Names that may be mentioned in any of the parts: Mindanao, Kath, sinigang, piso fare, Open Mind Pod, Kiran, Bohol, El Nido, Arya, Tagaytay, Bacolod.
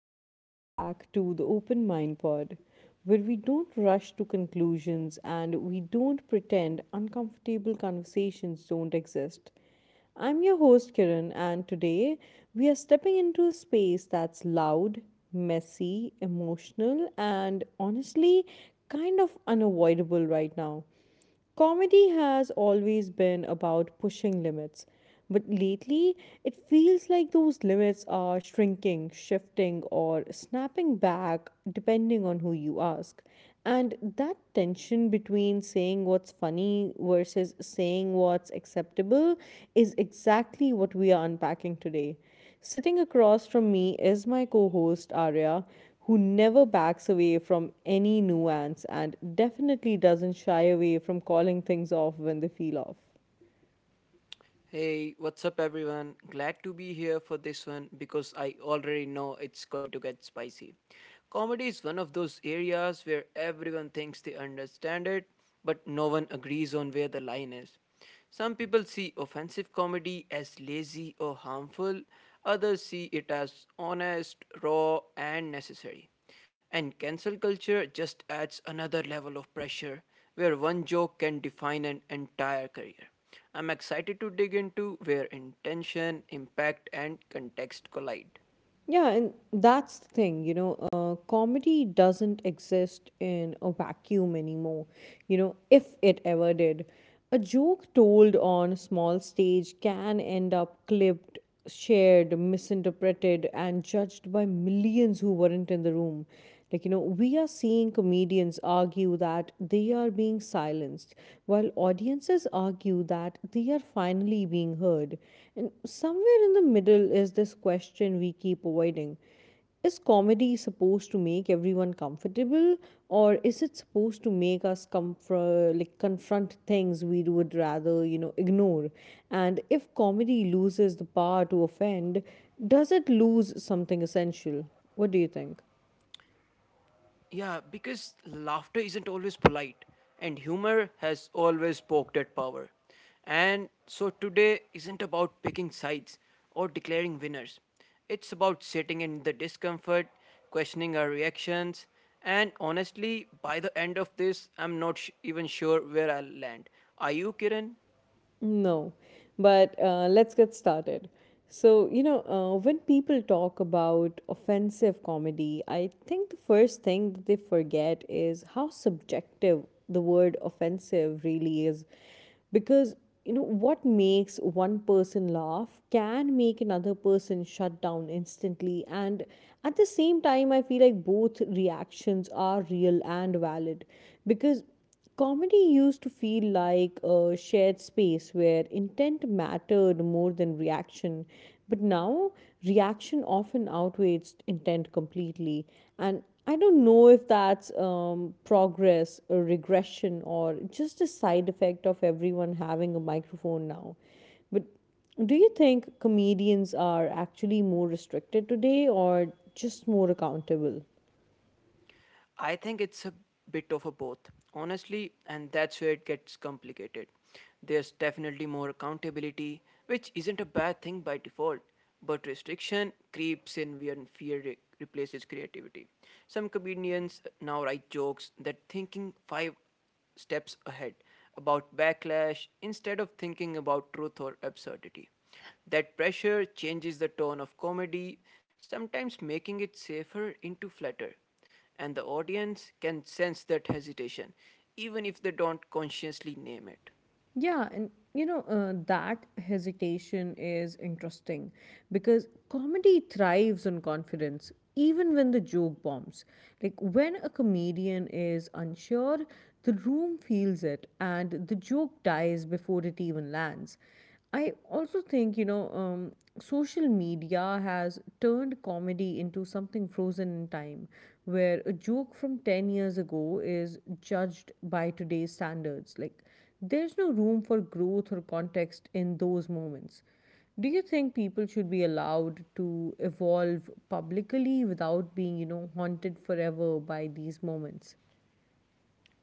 and welcome back to the Open Mind Pod, where we don't rush to conclusions and we don't pretend uncomfortable conversations don't exist. I'm your host, Kiran, and today we are stepping into a space that's loud, messy, emotional, and honestly kind of unavoidable right now. Comedy has always been about pushing limits, but lately it feels like those limits are shrinking, shifting, or snapping back depending on who you ask. And that tension between saying what's funny versus saying what's acceptable is exactly what we are unpacking today. Sitting across from me is my co host Arya, who never backs away from any nuance and definitely doesn't shy away from calling things off when they feel off. Hey, what's up, everyone? Glad to be here for this one because I already know it's going to get spicy. Comedy is one of those areas where everyone thinks they understand it, but no one agrees on where the line is. Some people see offensive comedy as lazy or harmful, others see it as honest, raw, and necessary. And cancel culture just adds another level of pressure where one joke can define an entire career. I'm excited to dig into where intention, impact, and context collide. Yeah, and that's the thing, you know, comedy doesn't exist in a vacuum anymore, if it ever did. A joke told on a small stage can end up clipped, shared, misinterpreted, and judged by millions who weren't in the room. Like, you know, we are seeing comedians argue that they are being silenced, while audiences argue that they are finally being heard. And somewhere in the middle is this question we keep avoiding. Is comedy supposed to make everyone comfortable, or is it supposed to make us comfort, like confront things we would rather, ignore? And if comedy loses the power to offend, does it lose something essential? What do you think? Yeah, because laughter isn't always polite, and humor has always poked at power. And so today isn't about picking sides or declaring winners. It's about sitting in the discomfort, questioning our reactions, and honestly, by the end of this, I'm not sh- even sure where I'll land. Are you, Kiran? No, but let's get started. So, when people talk about offensive comedy, I think the first thing that they forget is how subjective the word offensive really is. Because, you know, what makes one person laugh can make another person shut down instantly. And at the same time, I feel like both reactions are real and valid. Because comedy used to feel like a shared space where intent mattered more than reaction, but now reaction often outweighs intent completely. And I don't know if that's progress or regression or just a side effect of everyone having a microphone now. But do you think comedians are actually more restricted today or just more accountable? I think it's a bit of a both, honestly, and that's where it gets complicated. There's definitely more accountability, which isn't a bad thing by default, but restriction creeps in when replaces creativity. Some comedians now write jokes that thinking five steps ahead about backlash instead of thinking about truth or absurdity. That pressure changes the tone of comedy, sometimes making it safer into flatter, and the audience can sense that hesitation, even if they don't consciously name it. Yeah, and you know, that hesitation is interesting because comedy thrives on confidence even when the joke bombs. Like when a comedian is unsure, the room feels it and the joke dies before it even lands. I also think, social media has turned comedy into something frozen in time, where a joke from 10 years ago is judged by today's standards. Like, there's no room for growth or context in those moments. Do you think people should be allowed to evolve publicly without being, haunted forever by these moments?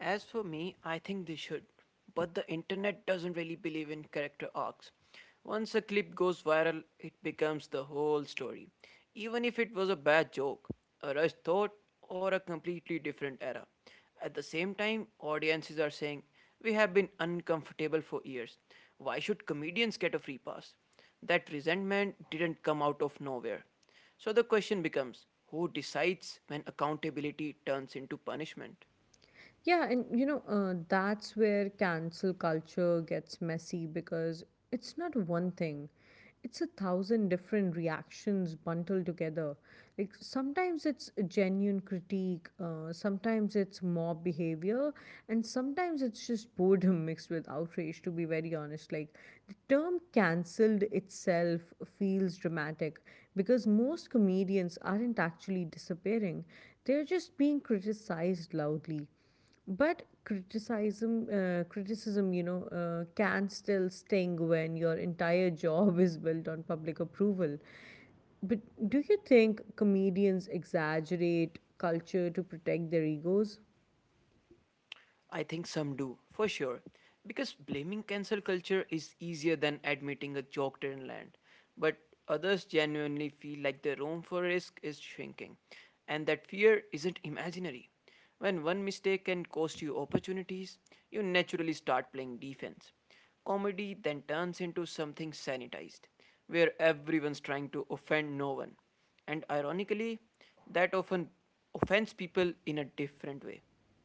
As for me, I think they should. But the internet doesn't really believe in character arcs. Once a clip goes viral, it becomes the whole story, even if it was a bad joke, a rushed thought, or a completely different era. At the same time, audiences are saying, we have been uncomfortable for years. Why should comedians get a free pass? That resentment didn't come out of nowhere. So the question becomes, who decides when accountability turns into punishment? Yeah, and you know, that's where cancel culture gets messy because it's not one thing. It's a thousand different reactions bundled together. Like sometimes it's a genuine critique, sometimes it's mob behavior, and sometimes it's just boredom mixed with outrage, to be very honest. Like the term cancelled itself feels dramatic because most comedians aren't actually disappearing, they're just being criticized loudly. But criticism, can still sting when your entire job is built on public approval. But do you think comedians exaggerate culture to protect their egos? I think some do, for sure. Because blaming cancel culture is easier than admitting a joke didn't land. But others genuinely feel like the room for risk is shrinking, and that fear isn't imaginary. When one mistake can cost you opportunities, you naturally start playing defense. Comedy then turns into something sanitized, where everyone's trying to offend no one. And ironically, that often offends people in a different way.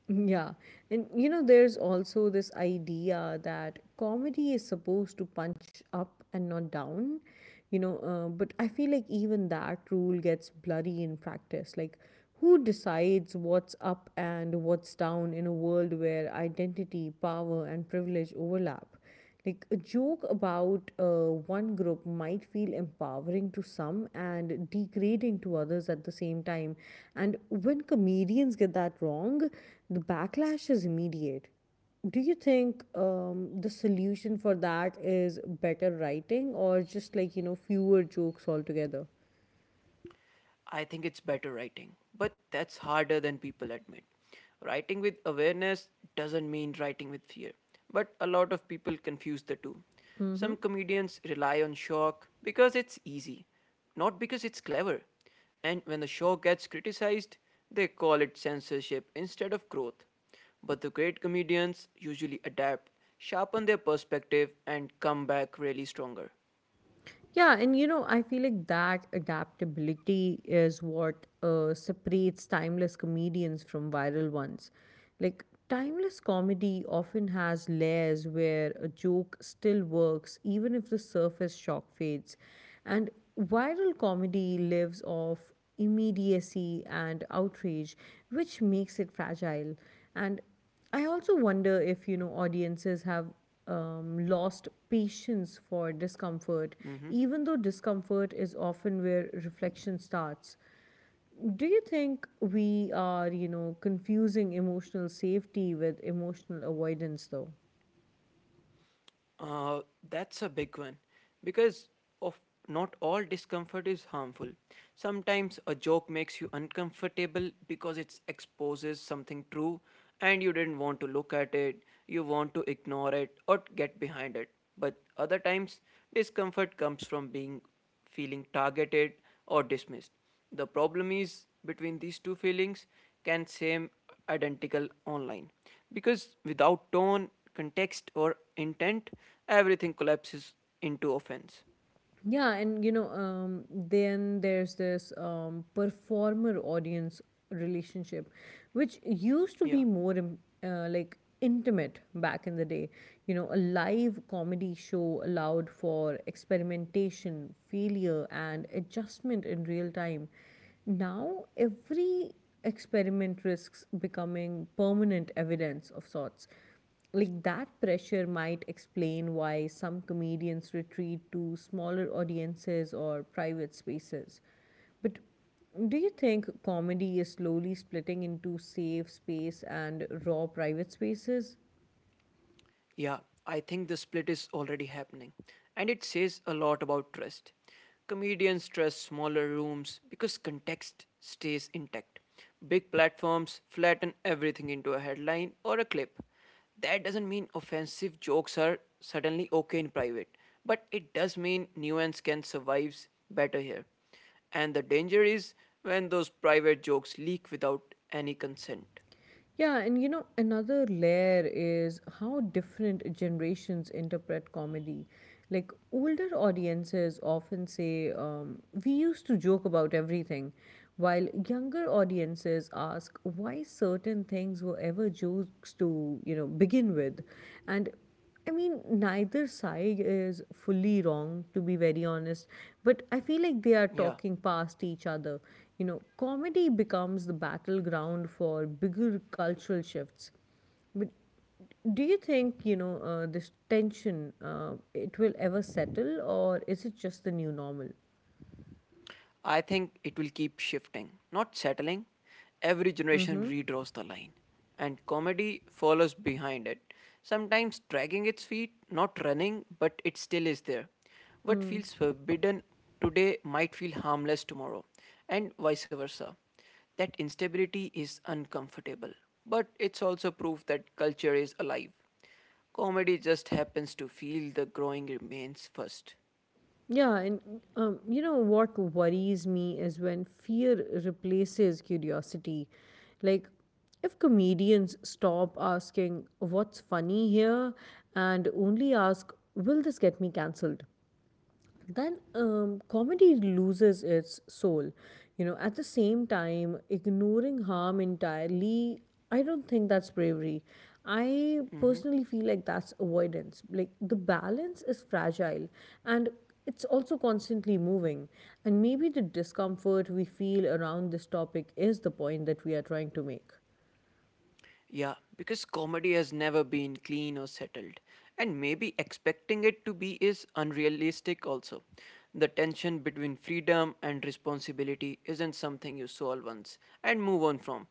Yeah. And you know, there's also this idea that comedy is supposed to punch up and not down, you know, but I feel like even that rule gets bloody in practice. Like, who decides what's up and what's down in a world where identity, power, and privilege overlap? Like a joke about one group might feel empowering to some and degrading to others at the same time. And when comedians get that wrong, the backlash is immediate. Do you think the solution for that is better writing or just like, fewer jokes altogether? I think it's better writing, but that's harder than people admit. Writing with awareness doesn't mean writing with fear, but a lot of people confuse the two. Some comedians rely on shock because it's easy, not because it's clever. And when the shock gets criticized, they call it censorship instead of growth. But the great comedians usually adapt, sharpen their perspective, and come back really stronger. Yeah, and you know, I feel like that adaptability is what separates timeless comedians from viral ones. Like, timeless comedy often has layers where a joke still works, even if the surface shock fades. And viral comedy lives off immediacy and outrage, which makes it fragile. And I also wonder if, you know, audiences have lost patience for discomfort, even though discomfort is often where reflection starts. Do you think we are, confusing emotional safety with emotional avoidance, though? Uh, that's a big one because, of, not all discomfort is harmful. Sometimes a joke makes you uncomfortable because it exposes something true and you didn't want to look at it, you want to ignore it or get behind it. But other times, discomfort comes from being, feeling targeted or dismissed. The problem is between these two feelings can seem identical online because without tone, context, or intent, everything collapses into offense. Yeah, and you know, then there's this performer audience relationship, which used to be Yeah. more like intimate back in the day. You know, a live comedy show allowed for experimentation, failure, and adjustment in real time. Now, every experiment risks becoming permanent evidence of sorts like that pressure might explain why some comedians retreat to smaller audiences or private spaces. But do you think comedy is slowly splitting into safe space and raw private spaces? Yeah, I think the split is already happening, and it says a lot about trust. Comedians trust smaller rooms because context stays intact. Big platforms flatten everything into a headline or a clip. That doesn't mean offensive jokes are suddenly okay in private, but it does mean nuance can survive better here. And the danger is when those private jokes leak without any consent. Yeah, and you know, another layer is how different generations interpret comedy. Like, older audiences often say, we used to joke about everything, while younger audiences ask why certain things were ever jokes to, begin with. And I mean, neither side is fully wrong, to be very honest, but I feel like they are Yeah. talking past each other. You know, comedy becomes the battleground for bigger cultural shifts. But do you think, you know, this tension, it will ever settle, or is it just the new normal? I think it will keep shifting, not settling. Every generation redraws the line, and comedy follows behind it, sometimes dragging its feet, not running, but it still is there. What feels forbidden today might feel harmless tomorrow, and vice versa. That instability is uncomfortable, but it's also proof that culture is alive. Comedy just happens to feel the growing remains 1st. Yeah, and you know what worries me is when fear replaces curiosity. Like, if comedians stop asking what's funny here and only ask, will this get me cancelled? Then comedy loses its soul. You know, at the same time, ignoring harm entirely, I don't think that's bravery. I personally feel like that's avoidance. Like the balance is fragile and it's also constantly moving. And maybe the discomfort we feel around this topic is the point that we are trying to make. Yeah, because comedy has never been clean or settled. And maybe expecting it to be is unrealistic also. The tension between freedom and responsibility isn't something you solve once and move on from.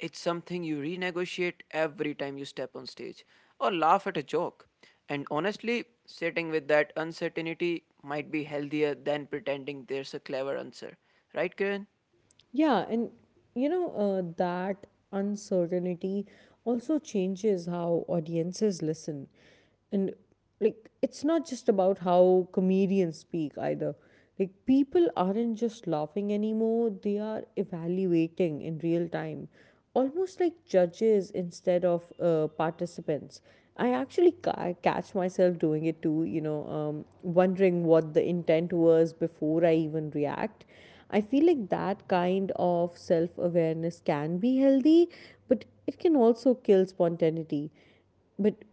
It's something you renegotiate every time you step on stage or laugh at a joke. And honestly, sitting with that uncertainty might be healthier than pretending there's a clever answer. Right, Kiran? Yeah, and you know, that uncertainty also changes how audiences listen. And like, it's not just about how comedians speak either. Like, people aren't just laughing anymore, they are evaluating in real time, almost like judges instead of participants. I actually catch myself doing it too, wondering what the intent was before I even react. I feel like that kind of self awareness can be healthy, but it can also kill spontaneity. But,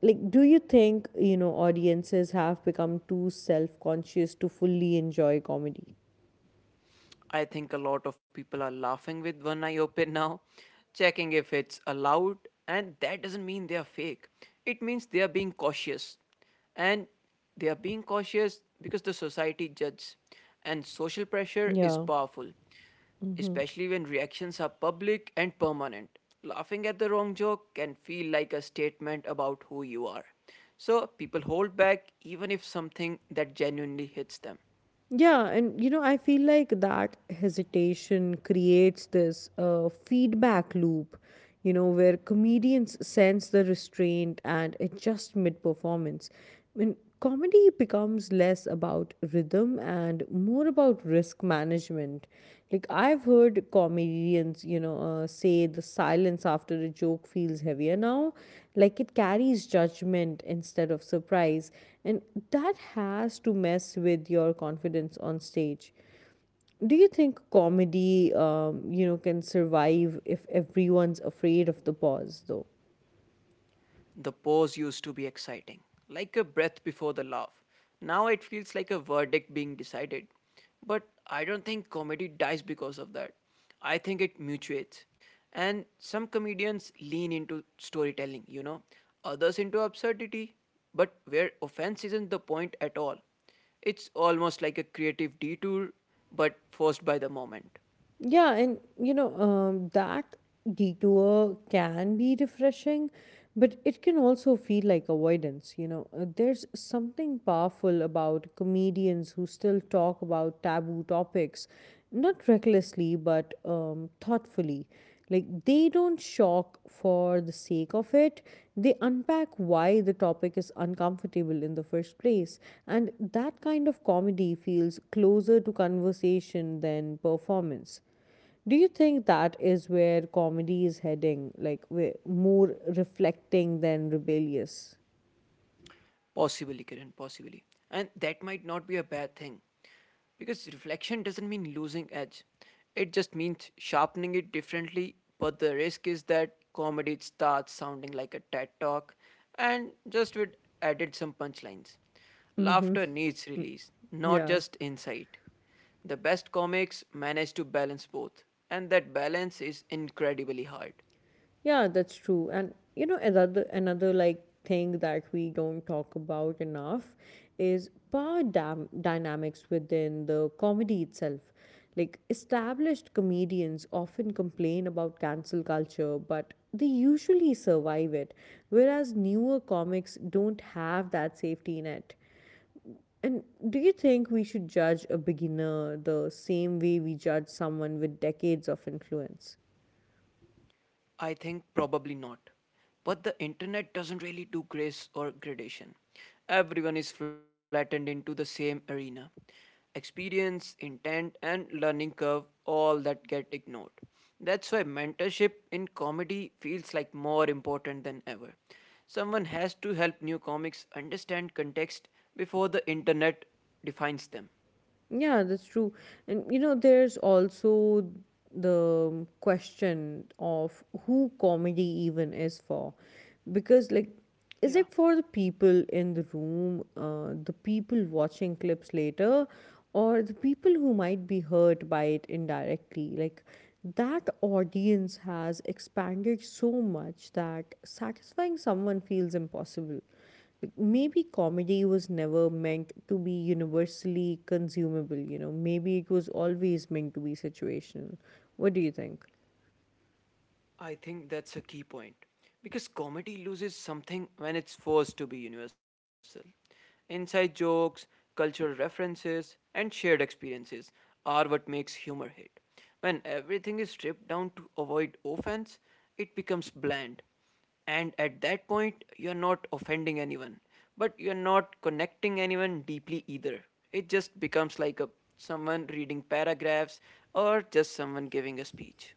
like, do you think, audiences have become too self conscious to fully enjoy comedy? I think a lot of people are laughing with one eye open now, checking if it's allowed, and that doesn't mean they are fake. It means they are being cautious. And they are being cautious because the society judges, and social pressure is Yeah. powerful, especially when reactions are public and permanent. Laughing at the wrong joke can feel like a statement about who you are. So people hold back even if something that genuinely hits them. Yeah, and you know, I feel like that hesitation creates this feedback loop, you know, where comedians sense the restraint and adjust mid performance. When comedy becomes less about rhythm and more about risk management. Like, I've heard comedians, say the silence after a joke feels heavier now. Like it carries judgment instead of surprise. And that has to mess with your confidence on stage. Do you think comedy, can survive if everyone's afraid of the pause, though? The pause used to be exciting, like a breath before the laugh. Now it feels like a verdict being decided. But I don't think comedy dies because of that. I think it mutuates. And some comedians lean into storytelling, you know, others into absurdity, but where offense isn't the point at all. It's almost like a creative detour, but forced by the moment. Yeah, and you know, that detour can be refreshing, but it can also feel like avoidance. You know, there's something powerful about comedians who still talk about taboo topics, not recklessly, but thoughtfully. Like, they don't shock for the sake of it, they unpack why the topic is uncomfortable in the first place. And that kind of comedy feels closer to conversation than performance. Do you think that is where comedy is heading, like we more reflecting than rebellious? Possibly, Kiran, possibly. And that might not be a bad thing. Because reflection doesn't mean losing edge, it just means sharpening it differently. But the risk is that comedy starts sounding like a TED talk and just with added some punchlines. Laughter needs release, not Yeah. just insight. The best comics manage to balance both, and that balance is incredibly hard. Yeah, that's true. And you know, another like thing that we don't talk about enough is power dynamics within the comedy itself. Like established comedians often complain about cancel culture, but they usually survive it, whereas newer comics don't have that safety net. And do you think we should judge a beginner the same way we judge someone with decades of influence? I think probably not. But the internet doesn't really do grace or gradation. Everyone is flattened into the same arena. Experience, intent, and learning curve, all that get ignored. That's why mentorship in comedy feels like more important than ever. Someone has to help new comics understand context before the internet defines them. Yeah, that's true. And you know, there's also the question of who comedy even is for. Because, like, is Yeah. it for the people in the room, the people watching clips later, or the people who might be hurt by it indirectly? Like, that audience has expanded so much that satisfying someone feels impossible maybe comedy was never meant to be universally consumable, you know. Maybe it was always meant to be situational. What do you think? I think that's a key point because comedy loses something when it's forced to be universal. Inside jokes, cultural references, and shared experiences are what makes humor hit. When everything is stripped down to avoid offense, it becomes bland. And at that point, you're not offending anyone, but you're not connecting anyone deeply either. It just becomes like a someone reading paragraphs or just someone giving a speech.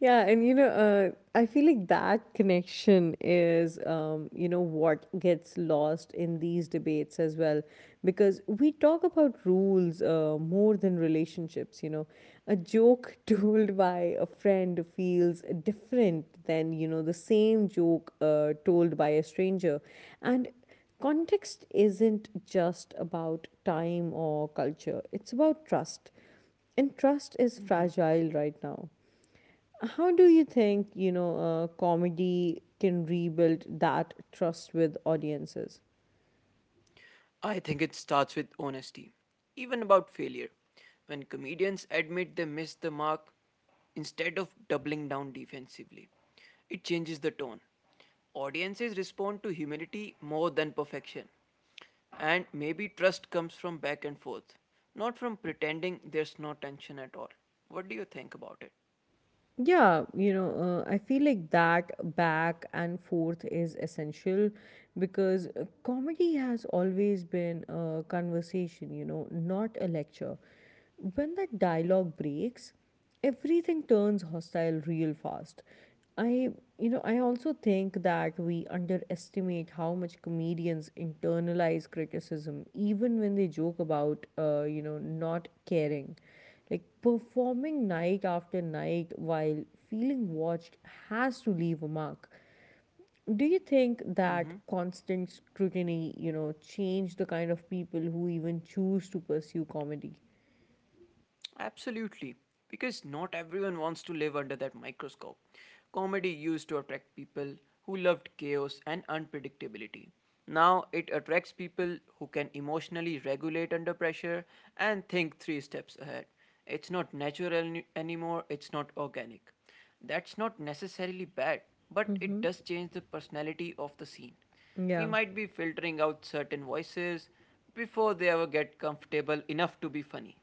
Yeah, and you know, I feel like that connection is, what gets lost in these debates as well, because we talk about rules more than relationships. You know, a joke told by a friend feels different than you know the same joke told by a stranger, and context isn't just about time or culture; it's about trust, and trust is fragile right now. How do you think, comedy can rebuild that trust with audiences? I think it starts with honesty, even about failure. When comedians admit they missed the mark, instead of doubling down defensively, it changes the tone. Audiences respond to humility more than perfection. And maybe trust comes from back and forth, not from pretending there's no tension at all. What do you think about it? Yeah, you know, I feel like that back and forth is essential because comedy has always been a conversation, you know, not a lecture. When that dialogue breaks, everything turns hostile real fast. I, I also think that we underestimate how much comedians internalize criticism, even when they joke about, not caring, like performing night after night while feeling watched has to leave a mark. Do you think that constant scrutiny, change the kind of people who even choose to pursue comedy? Absolutely, because not everyone wants to live under that microscope. Comedy used to attract people who loved chaos and unpredictability. Now it attracts people who can emotionally regulate under pressure and think three steps ahead. It's not natural any- anymore, it's not organic. That's not necessarily bad, but it does change the personality of the scene. We Yeah. might be filtering out certain voices before they ever get comfortable enough to be funny.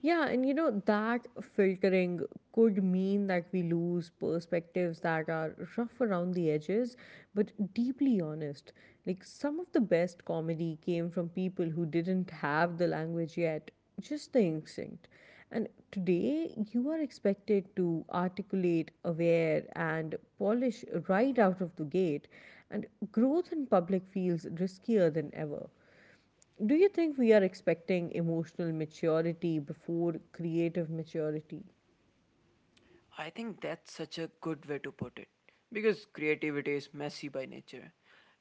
That filtering could mean that we lose perspectives that are rough around the edges, but deeply honest. Like, some of the best comedy came from people who didn't have the language yet, just the instinct. And today, you are expected to articulate, aware, and polish right out of the gate. And growth in public feels riskier than ever. Do you think we are expecting emotional maturity before creative maturity? I think that's such a good way to put it because creativity is messy by nature.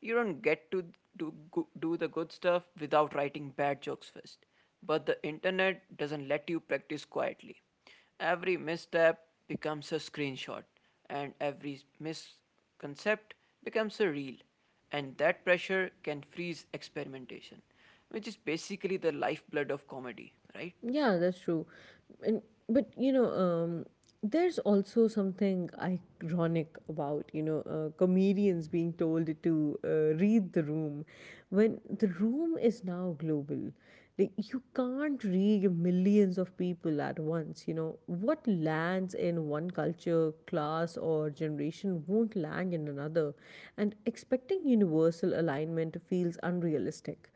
You don't get to do the good stuff without writing bad jokes first. But the internet doesn't let you practice quietly. Every misstep becomes a screenshot, and every misconcept becomes a reel. And that pressure can freeze experimentation, which is basically the lifeblood of comedy, right? Yeah, that's true. And but you know, there's also something ironic about comedians being told to read the room when the room is now global. Like, you can't read millions of people at once. You know what lands in one culture, class, or generation won't land in another, and expecting universal alignment feels unrealistic.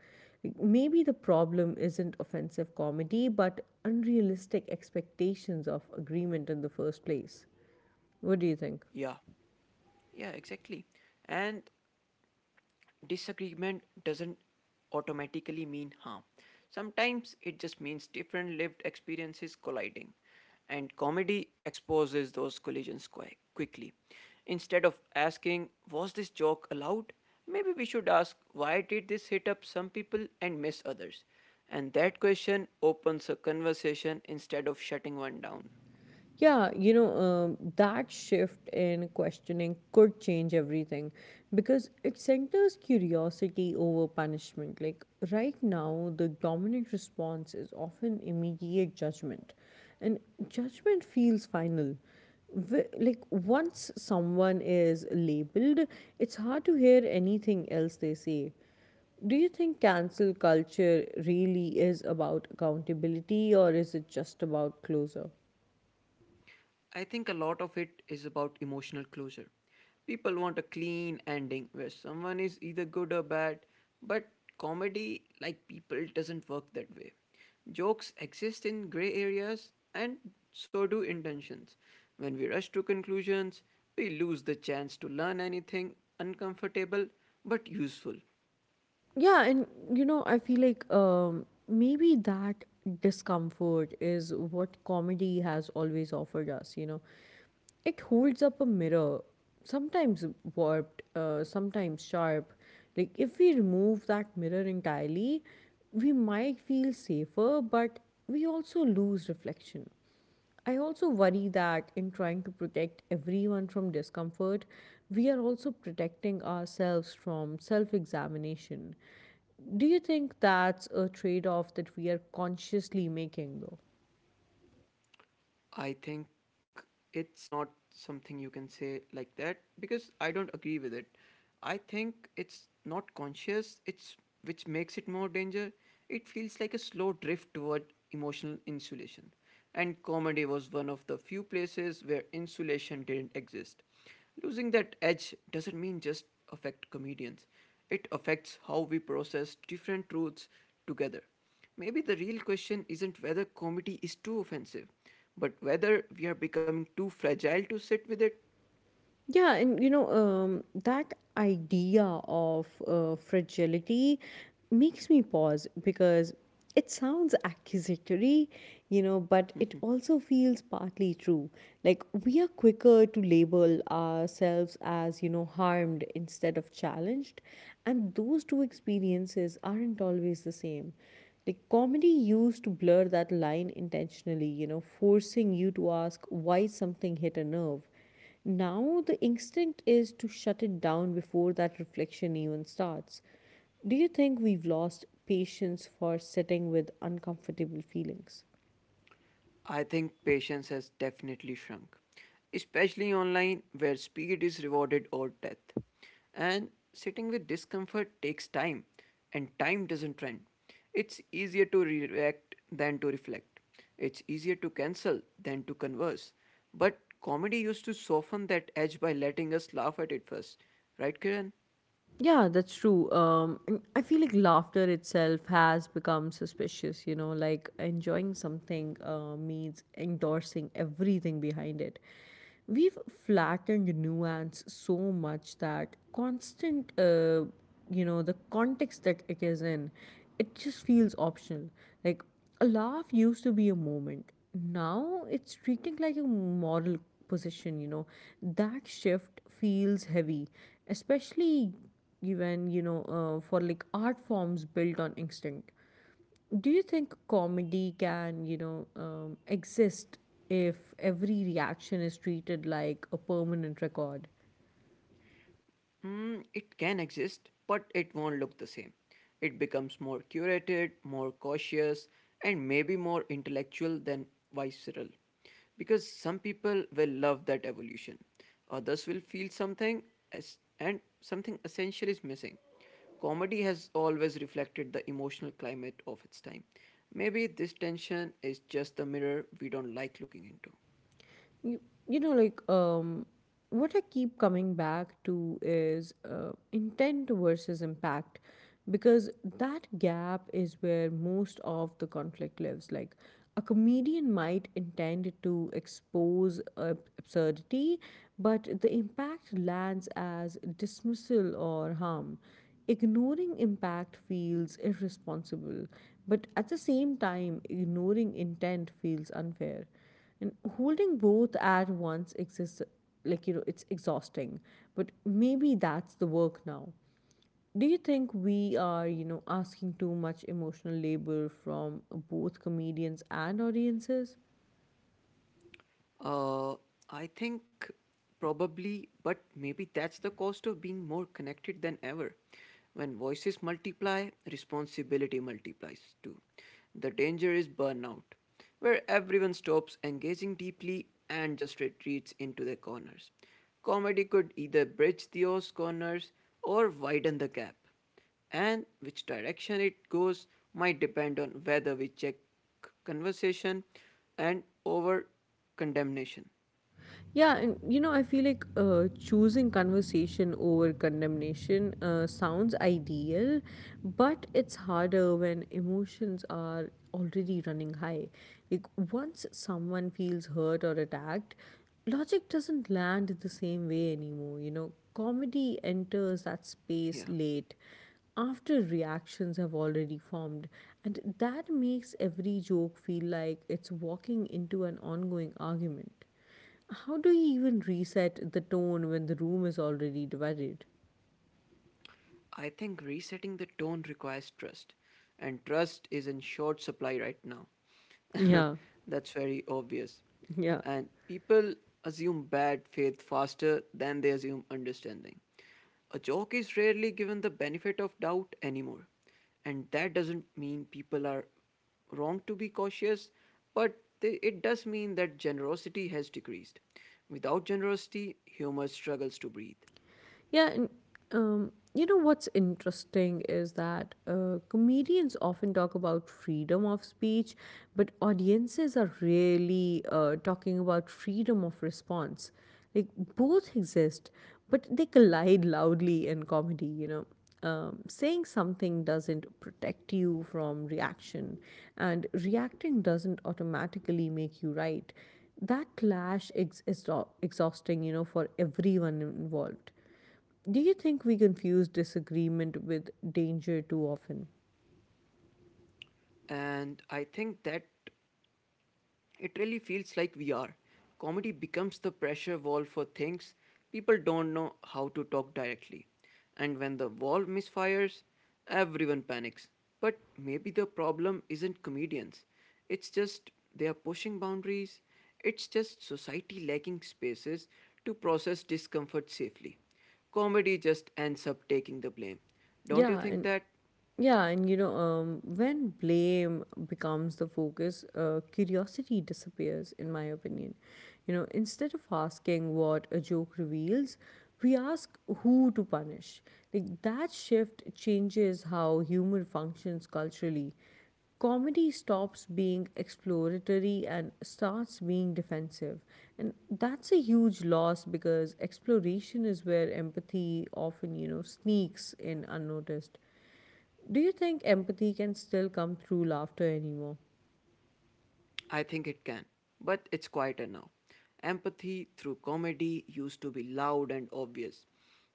Maybe the problem isn't offensive comedy, but unrealistic expectations of agreement in the first place. What do you think? Yeah, yeah, exactly. And disagreement doesn't automatically mean harm. Sometimes it just means different lived experiences colliding, and comedy exposes those collisions quite quickly. Instead of asking, "Was this joke allowed?" maybe we should ask, "Why did this hit up some people and miss others?" And that question opens a conversation instead of shutting one down. That shift in questioning could change everything because it centers curiosity over punishment. Like, right now, the dominant response is often immediate judgment, and judgment feels final. Like, once someone is labeled, it's hard to hear anything else they say. Do you think cancel culture really is about accountability, or is it just about closure? I think a lot of it is about emotional closure. People want a clean ending where someone is either good or bad, but comedy, like people, doesn't work that way. Jokes exist in gray areas, and so do intentions. When we rush to conclusions, we lose the chance to learn anything uncomfortable but useful. Yeah, and I feel like maybe that discomfort is what comedy has always offered us. It holds up a mirror, sometimes warped, sometimes sharp. Like, if we remove that mirror entirely, we might feel safer, but we also lose reflection. I also worry that in trying to protect everyone from discomfort, we are also protecting ourselves from self examination. Do you think that's a trade off that we are consciously making, though? I think it's not something you can say like that because I don't agree with it. I think it's not conscious, it's which makes it more danger. It feels like a slow drift toward emotional insulation. And comedy was one of the few places where insulation didn't exist. Losing that edge doesn't mean just affect comedians. It affects how we process different truths together. Maybe the real question isn't whether comedy is too offensive, but whether we are becoming too fragile to sit with it. That idea of fragility makes me pause because it sounds accusatory, but it also feels partly true. Like, we are quicker to label ourselves as, harmed instead of challenged. And those two experiences aren't always the same. Like, comedy used to blur that line intentionally, forcing you to ask why something hit a nerve. Now, the instinct is to shut it down before that reflection even starts. Do you think we've lost patience for sitting with uncomfortable feelings? I think patience has definitely shrunk, especially online where speed is rewarded or death. And sitting with discomfort takes time, and time doesn't trend. It's easier to react than to reflect. It's easier to cancel than to converse. But comedy used to soften that edge by letting us laugh at it first. Right, Kiran? Yeah, that's true. And I feel like laughter itself has become suspicious, like enjoying something means endorsing everything behind it. We've flattened nuance so much that the context that it is in, it just feels optional. Like, a laugh used to be a moment. Now it's treating like a moral position. That shift feels heavy, especially even for like art forms built on instinct. Do you think comedy can exist if every reaction is treated like a permanent record? Mm, it can exist, but it won't look the same. It becomes more curated, more cautious, and maybe more intellectual than visceral. Because some people will love that evolution, others will feel something, as, and something essential is missing. Comedy has always reflected the emotional climate of its time. Maybe this tension is just the mirror we don't like looking into. you, you know like um what I keep coming back to is intent versus impact, because that gap is where most of the conflict lives. Like, a comedian might intend to expose absurdity, but the impact lands as dismissal or harm. Ignoring impact feels irresponsible, but at the same time, ignoring intent feels unfair. And holding both at once exists. It's exhausting, but maybe that's the work now. Do you think we are asking too much emotional labor from both comedians and audiences? Uh, I think probably, but maybe that's the cost of being more connected than ever. When voices multiply, responsibility multiplies too. The danger is burnout, where everyone stops engaging deeply and just retreats into their corners. Comedy could either bridge those corners or widen the gap, and which direction it goes might depend on whether we check conversation and over condemnation. I feel like choosing conversation over condemnation sounds ideal, but it's harder when emotions are already running high. Like, once someone feels hurt or attacked, logic doesn't land the same way anymore. You know, comedy enters that space Here. late, after reactions have already formed, and that makes every joke feel like it's walking into an ongoing argument. How do you even reset the tone when the room is already divided? I think resetting the tone requires trust, and trust is in short supply right now. Yeah, That's very obvious. yeah. And people assume bad faith faster than they assume understanding. A joke is rarely given the benefit of doubt anymore, and that doesn't mean people are wrong to be cautious, but they, it does mean that generosity has decreased. Without generosity, humor struggles to breathe. Yeah, and you know What's interesting is that comedians often talk about freedom of speech, but audiences are really talking about freedom of response. Like, both exist, but they collide loudly in comedy, you know. Saying something doesn't protect you from reaction, and reacting doesn't automatically make you right. That clash is exhausting, you know, for everyone involved. Do you think we confuse disagreement with danger too often? And I think that it really feels like we are. Comedy becomes the pressure wall for things people don't know how to talk directly. And when the wall misfires, everyone panics. But maybe the problem isn't comedians. It's just they are pushing boundaries. It's just society lacking spaces to process discomfort safely. Comedy just ends up taking the blame. Don't you Yeah, think and that? When blame becomes the focus, curiosity disappears, in my opinion. You know, instead of asking what a joke reveals, we ask who to punish. Like, that shift changes how humor functions culturally. Comedy stops being exploratory and starts being defensive. And that's a huge loss, because exploration is where empathy often, you know, sneaks in unnoticed. Do you think empathy can still come through laughter anymore? I think it can, but it's quieter now. Empathy through comedy used to be loud and obvious.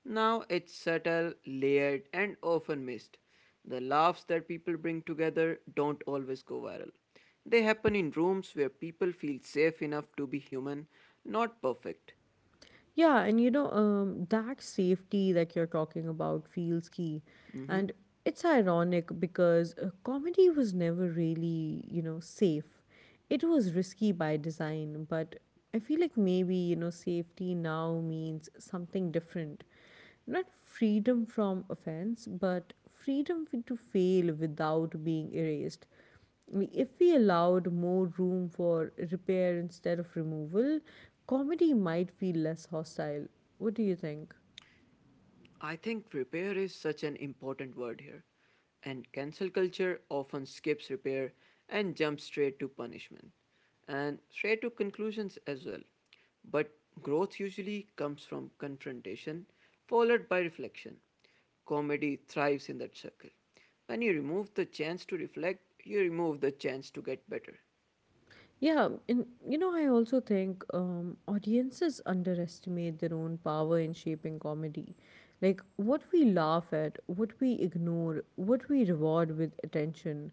Now it's subtle, layered, and often missed. The laughs that people bring together don't always go viral. They happen in rooms where people feel safe enough to be human, not perfect. That safety that you're talking about feels key. Mhm. And it's ironic because comedy was never really, you know, safe. It was risky by design, but I feel like maybe, you know, safety now means something different. Not freedom from offense, but freedom to fail without being erased. If we allowed more room for repair instead of removal, comedy might feel less hostile. What do you think? I think repair is such an important word here, and cancel culture often skips repair and jumps straight to punishment and straight to conclusions as well. But growth usually comes from confrontation followed by reflection. Comedy thrives in that circle. When you remove the chance to reflect, you remove the chance to get better. I also think audiences underestimate their own power in shaping comedy. Like, what we laugh at, what we ignore, what we reward with attention,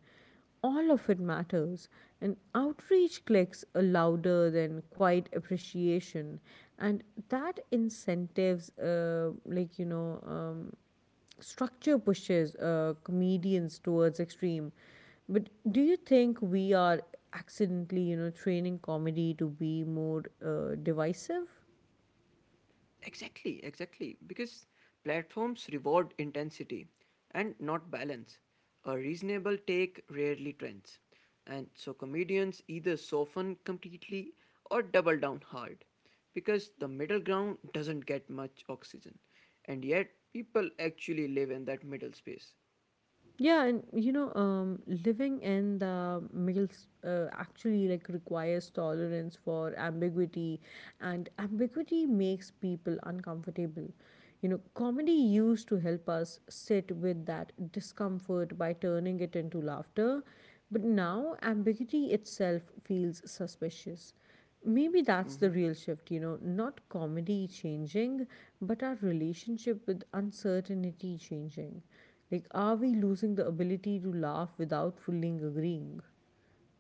all of it matters. And outreach clicks are louder than quiet appreciation. And that incentives, like, you know, structure pushes comedians towards extreme. But do you think we are accidentally, training comedy to be more divisive? Exactly, exactly. Because platforms reward intensity and not balance. A reasonable take rarely trends. And so comedians either soften completely or double down hard, because the middle ground doesn't get much oxygen. And yet, people actually live in that middle space. Living in the males actually like requires tolerance for ambiguity, and ambiguity makes people uncomfortable. You know, comedy used to help us sit with that discomfort by turning it into laughter, but now ambiguity itself feels suspicious. Maybe that's Mm-hmm. the real shift, you know, not comedy changing, but our relationship with uncertainty changing. Like, are we losing the ability to laugh without fully agreeing?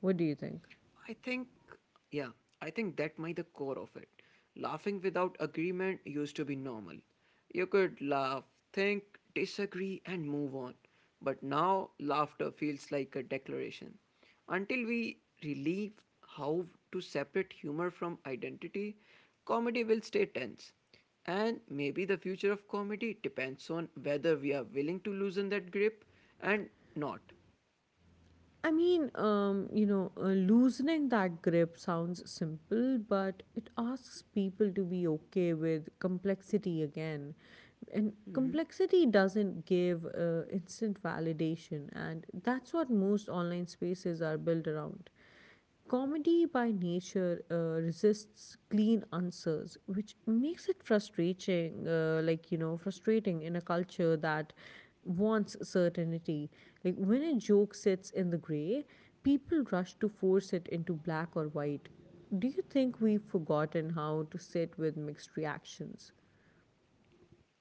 What do you think? I think, yeah, I think that might the core of it. Laughing without agreement used to be normal. You could laugh, think, disagree, and move on. But now, laughter feels like a declaration. Until we relieve how to separate humor from identity, comedy will stay tense. And maybe the future of comedy depends on whether we are willing to loosen that grip and not. I mean, loosening that grip sounds simple, but it asks people to be okay with complexity again. And complexity doesn't give instant validation, and that's what most online spaces are built around. Comedy by nature resists clean answers, which makes it frustrating, frustrating in a culture that wants certainty. Like, when a joke sits in the gray, people rush to force it into black or white. Do you think we've forgotten how to sit with mixed reactions?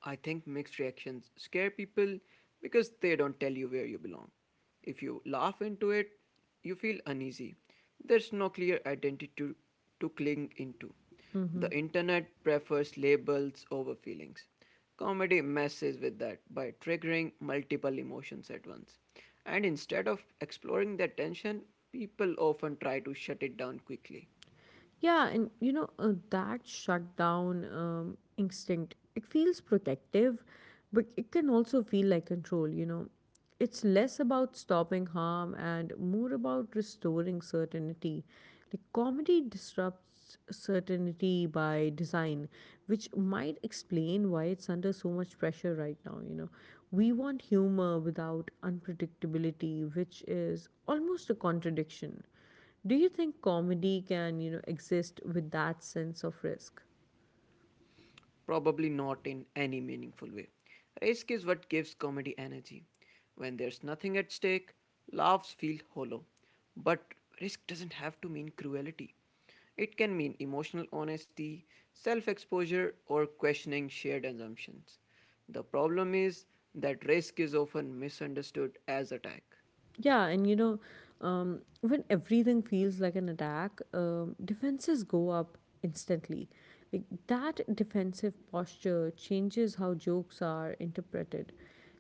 I think mixed reactions scare people because they don't tell you where you belong. If you laugh into it, you feel uneasy. There's no clear identity to cling into. Mm-hmm. The internet prefers labels over feelings. Comedy messes with that by triggering multiple emotions at once. And instead of exploring that tension, people often try to shut it down quickly. That shutdown instinct, it feels protective, but it can also feel like control, you know. It's less about stopping harm and more about restoring certainty. Like, comedy disrupts certainty by design, which might explain why it's under so much pressure right now, you know. We want humor without unpredictability, which is almost a contradiction. Do you think comedy can, you know, exist with that sense of risk? Probably not in any meaningful way. Risk is what gives comedy energy. When there's nothing at stake, laughs feel hollow. But risk doesn't have to mean cruelty. It can mean emotional honesty, self exposure, or questioning shared assumptions. The problem is that risk is often misunderstood as attack. Yeah, and you know, when everything feels like an attack, defenses go up instantly. Like, that defensive posture changes how jokes are interpreted.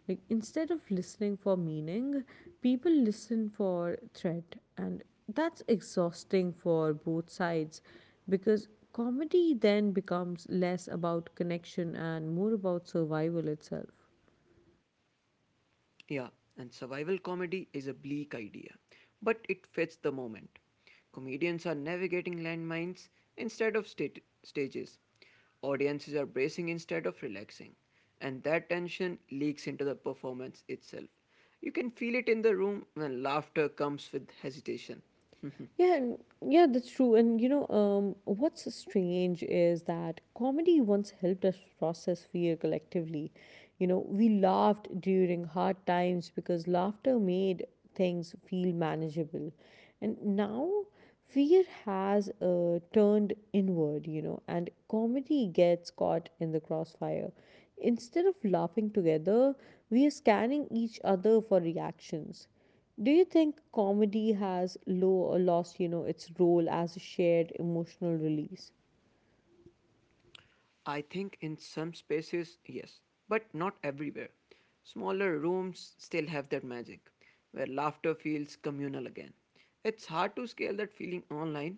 Like, instead of listening for meaning, people listen for threat, and that's exhausting for both sides, because comedy then becomes less about connection and more about survival itself. Yeah, and survival comedy is a bleak idea, but it fits the moment. Comedians are navigating landmines instead of stat- stages. Audiences are bracing instead of relaxing, and that tension leaks into the performance itself. You can feel it in the room when laughter comes with hesitation. Yeah, and yeah, that's true. What's strange is that comedy once helped us process fear collectively. You know, we laughed during hard times because laughter made things feel manageable. And now fear has turned inward, you know, and comedy gets caught in the crossfire. Instead of laughing together, we are scanning each other for reactions. Do you think comedy has low or lost, you know, its role as a shared emotional release? I think in some spaces, yes, but not everywhere. Smaller rooms still have that magic, where laughter feels communal again. It's hard to scale that feeling online,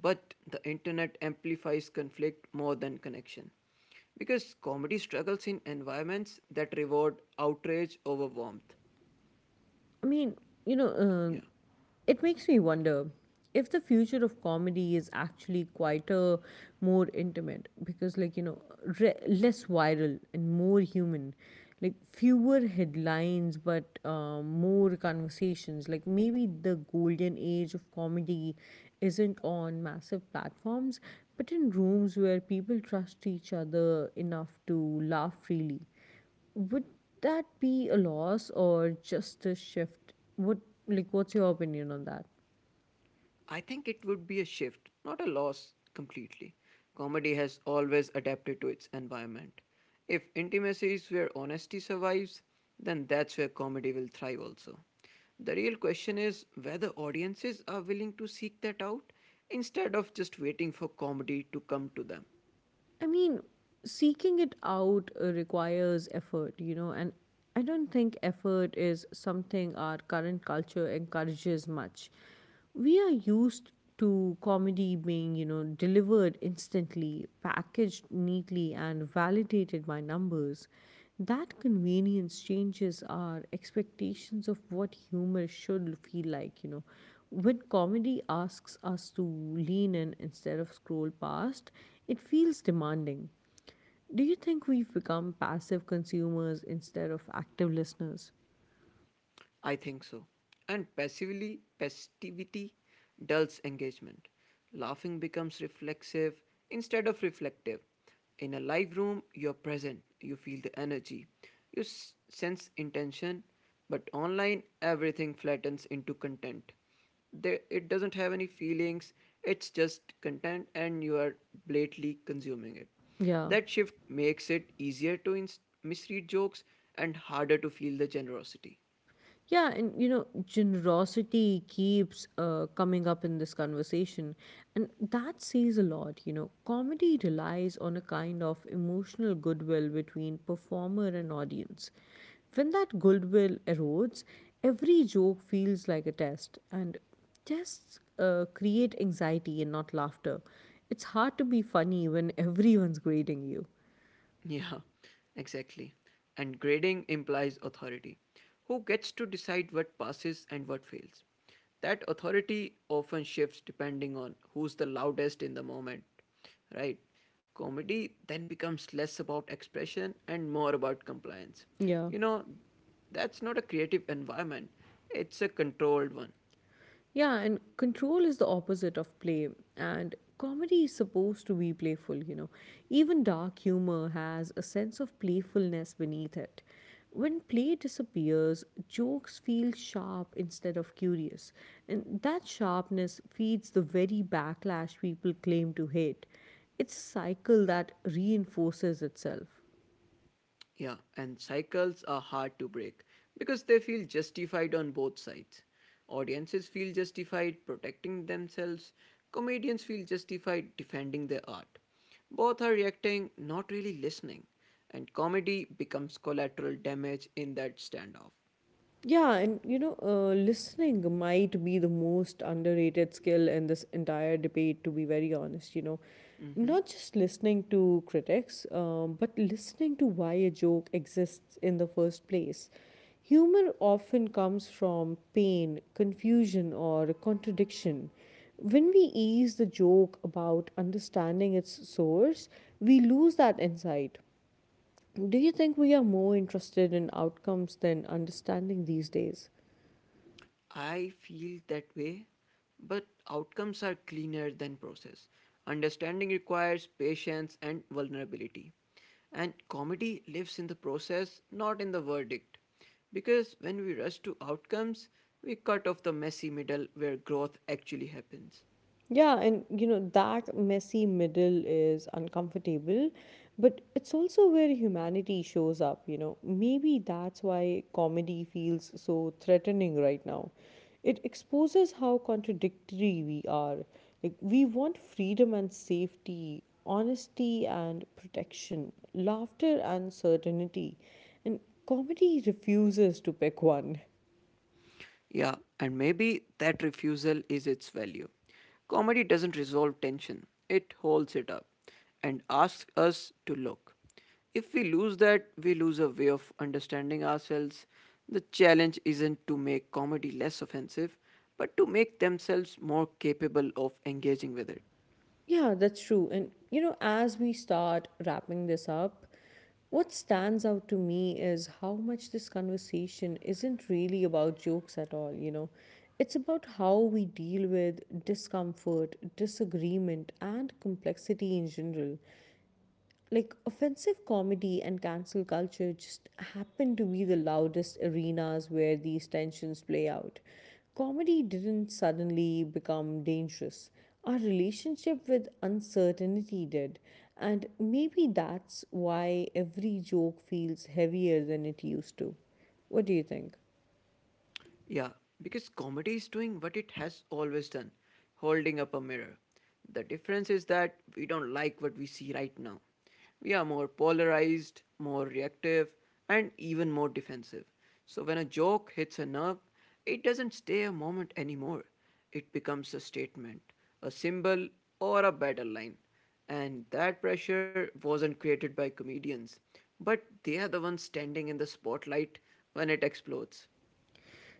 but the internet amplifies conflict more than connection. Because comedy struggles in environments that reward outrage over warmth. I mean, you know, um Yeah. it makes me wonder if the future of comedy is actually quieter, more intimate, because, less viral and more human. Like, fewer headlines, but more conversations. Like, maybe the golden age of comedy isn't on massive platforms, but in rooms where people trust each other enough to laugh freely. Would that be a loss or just a shift? What's your opinion on that? I think it would be a shift, not a loss completely. Comedy has always adapted to its environment. If intimacy is where honesty survives, then that's where comedy will thrive also. The real question is whether audiences are willing to seek that out instead of just waiting for comedy to come to them. I mean, seeking it out requires effort, you know, and I don't think effort is something our current culture encourages much. We are used to comedy being, you know, delivered instantly, packaged neatly and validated by numbers. That convenience changes our expectations of what humor should feel like, you know. When comedy asks us to lean in instead of scroll past, it feels demanding. Do you think we've become passive consumers instead of active listeners? I think so. And passively, passivity dulls engagement. Laughing becomes reflexive instead of reflective. In a live room, you're present, you feel the energy, you s- sense intention, but online, everything flattens into content. There, it doesn't have any feelings, it's just content, and you are blatantly consuming it. Yeah. That shift makes it easier to ins- misread jokes and harder to feel the generosity. Yeah, and you know, generosity keeps coming up in this conversation, and that says a lot. You know, comedy relies on a kind of emotional goodwill between performer and audience. When that goodwill erodes, every joke feels like a test, and tests create anxiety and not laughter. It's hard to be funny when everyone's grading you. Yeah, exactly. And grading implies authority. Who gets to decide what passes and what fails? That authority often shifts depending on who's the loudest in the moment, right? Comedy then becomes less about expression and more about compliance. Yeah. You know, that's not a creative environment, it's a controlled one. Yeah, and control is the opposite of play. And comedy is supposed to be playful, you know. Even dark humor has a sense of playfulness beneath it. When play disappears, jokes feel sharp instead of curious. And that sharpness feeds the very backlash people claim to hate. It's a cycle that reinforces itself. Yeah, and cycles are hard to break because they feel justified on both sides. Audiences feel justified protecting themselves, comedians feel justified defending their art. Both are reacting, not really listening, and comedy becomes collateral damage in that standoff. Yeah, and you know, listening might be the most underrated skill in this entire debate, to be very honest. You know, Mm-hmm. not just listening to critics, but listening to why a joke exists in the first place. Humor often comes from pain, confusion, or contradiction. When we ease the joke about understanding its source, we lose that insight. Do you think we are more interested in outcomes than understanding these days? I feel that way, but outcomes are cleaner than process. Understanding requires patience and vulnerability. And comedy lives in the process, not in the verdict. Because when we rush to outcomes, we cut off the messy middle where growth actually happens. Yeah, and you know, that messy middle is uncomfortable, but it's also where humanity shows up, you know. Maybe that's why comedy feels so threatening right now. It exposes how contradictory we are. Like, we want freedom and safety, honesty and protection, laughter and certainty. And comedy refuses to pick one. Yeah, and maybe that refusal is its value. Comedy doesn't resolve tension, it holds it up and asks us to look. If we lose that, we lose a way of understanding ourselves. The challenge isn't to make comedy less offensive, but to make themselves more capable of engaging with it. Yeah, that's true. And you know, as we start wrapping this up, what stands out to me is how much this conversation isn't really about jokes at all, you know. It's about how we deal with discomfort, disagreement, and complexity in general like offensive comedy and cancel culture just happen to be the loudest arenas where these tensions play out. Comedy didn't suddenly become dangerous. Our relationship with uncertainty did, and maybe that's why every joke feels heavier than it used to. What do you think? Yeah, because comedy is doing what it has always done, holding up a mirror. The difference is that we don't like what we see right now. We are more polarized, more reactive, and even more defensive. So when a joke hits a nerve, it doesn't stay a moment anymore. It becomes a statement, a symbol, or a battle line. And that pressure wasn't created by comedians, but they are the ones standing in the spotlight when it explodes.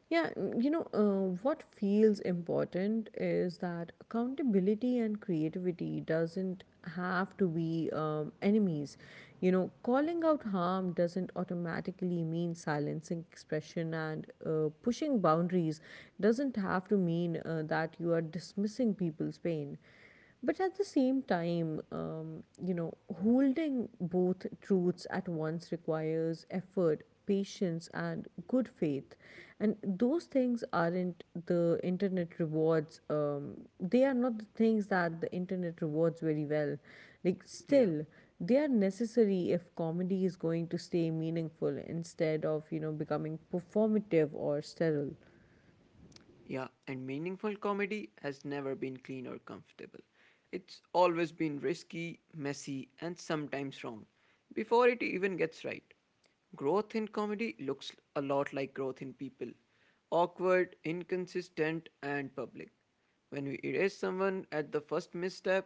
Yeah, you know, what feels important is that accountability and creativity doesn't have to be enemies. You know, calling out harm doesn't automatically mean silencing expression, and pushing boundaries doesn't have to mean that you are dismissing people's pain. But at the same time, you know, holding both truths at once requires effort, patience, and good faith. And those things aren't the internet rewards, they are not the things that the internet rewards very well. Like, Yeah. still, they are necessary if comedy is going to stay meaningful instead of, you know, becoming performative or sterile. Yeah, and meaningful comedy has never been clean or comfortable. It's always been risky, messy, and sometimes wrong before it even gets right. Growth in comedy looks a lot like growth in people, awkward, inconsistent, and public. When we erase someone at the first misstep,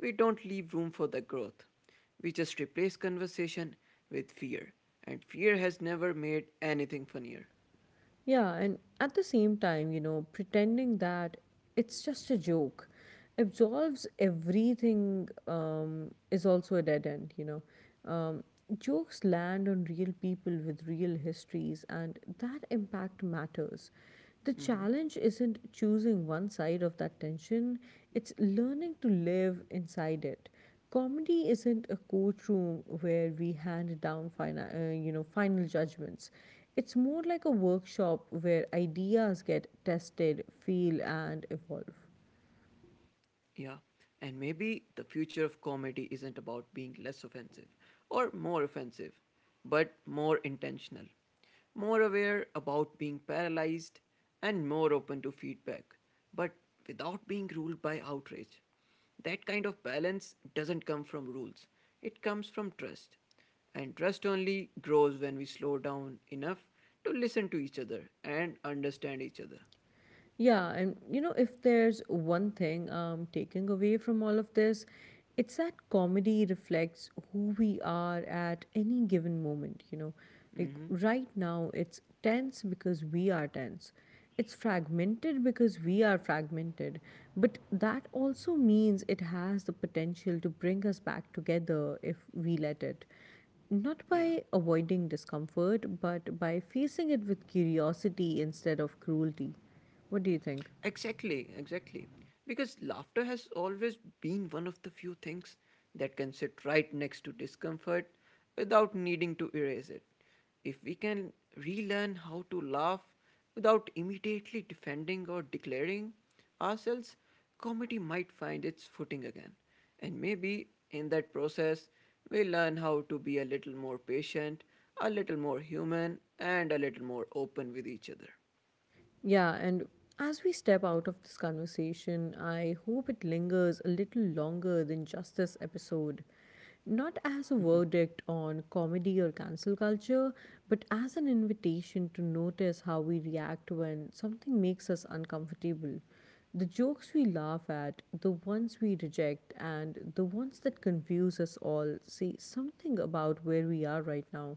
we don't leave room for the growth. We just replace conversation with fear, and fear has never made anything funnier. Yeah, and at the same time, you know, pretending that it's just a joke absolves everything is also a dead end, you know. Um, Jokes land on real people with real histories, and that impact matters. The Mm-hmm. challenge isn't choosing one side of that tension, it's learning to live inside it. Comedy isn't a courtroom where we hand down final judgments. It's more like a workshop where ideas get tested, feel, and evolve. Yeah, and maybe the future of comedy isn't about being less offensive or more offensive, but more intentional, more aware about being paralyzed, and more open to feedback, but without being ruled by outrage. That kind of balance doesn't come from rules, it comes from trust. And trust only grows when we slow down enough to listen to each other and understand each other. Yeah, and you know, if there's one thing I'm taking away from all of this, it's that comedy reflects who we are at any given moment, you know. Like Hmm. right now, it's tense because we are tense. It's fragmented because we are fragmented. But that also means it has the potential to bring us back together if we let it not Yeah. by avoiding discomfort, but by facing it with curiosity instead of cruelty. What do you think? Exactly, exactly. Because laughter has always been one of the few things that can sit right next to discomfort without needing to erase it. If we can relearn how to laugh without immediately defending or declaring ourselves, comedy might find its footing again. And maybe in that process, we learn how to be a little more patient, a little more human, and a little more open with each other. Yeah, and as we step out of this conversation, I hope it lingers a little longer than just this episode. Not as a verdict on comedy or cancel culture, but as an invitation to notice how we react when something makes us uncomfortable. The jokes we laugh at, the ones we reject, and the ones that confuse us all say something about where we are right now.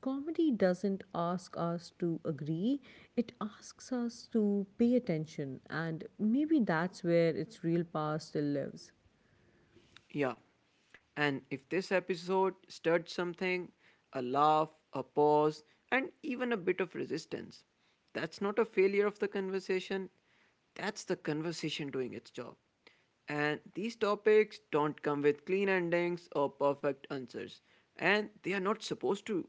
Comedy doesn't ask us to agree, it asks us to pay attention, and maybe that's where its real power still lives. Yeah. And if this episode stirred something, a laugh, a pause, and even a bit of resistance, that's not a failure of the conversation. That's the conversation doing its job. And these topics don't come with clean endings or perfect answers. And they are not supposed to.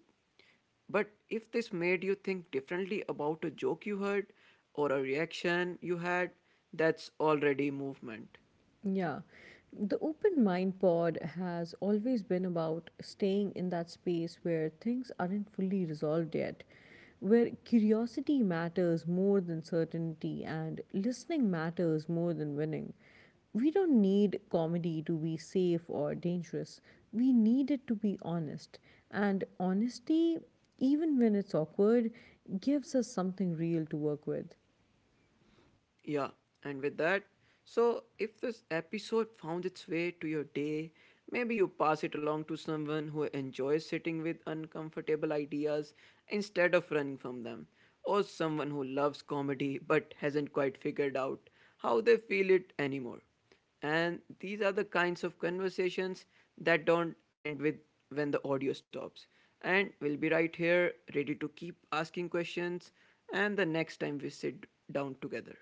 But if this made you think differently about a joke you heard or a reaction you had, that's already movement. Yeah. The Open Mind Pod has always been about staying in that space where things aren't fully resolved yet, where curiosity matters more than certainty and listening matters more than winning. We don't need comedy to be safe or dangerous. We need it to be honest. And honesty, even when it's awkward, gives us something real to work with. Yeah, and with that, so if this episode found its way to your day, maybe you pass it along to someone who enjoys sitting with uncomfortable ideas instead of running from them, or someone who loves comedy but hasn't quite figured out how they feel it anymore. And these are the kinds of conversations that don't end with when the audio stops. And we'll be right here, ready to keep asking questions, and the next time we sit down together.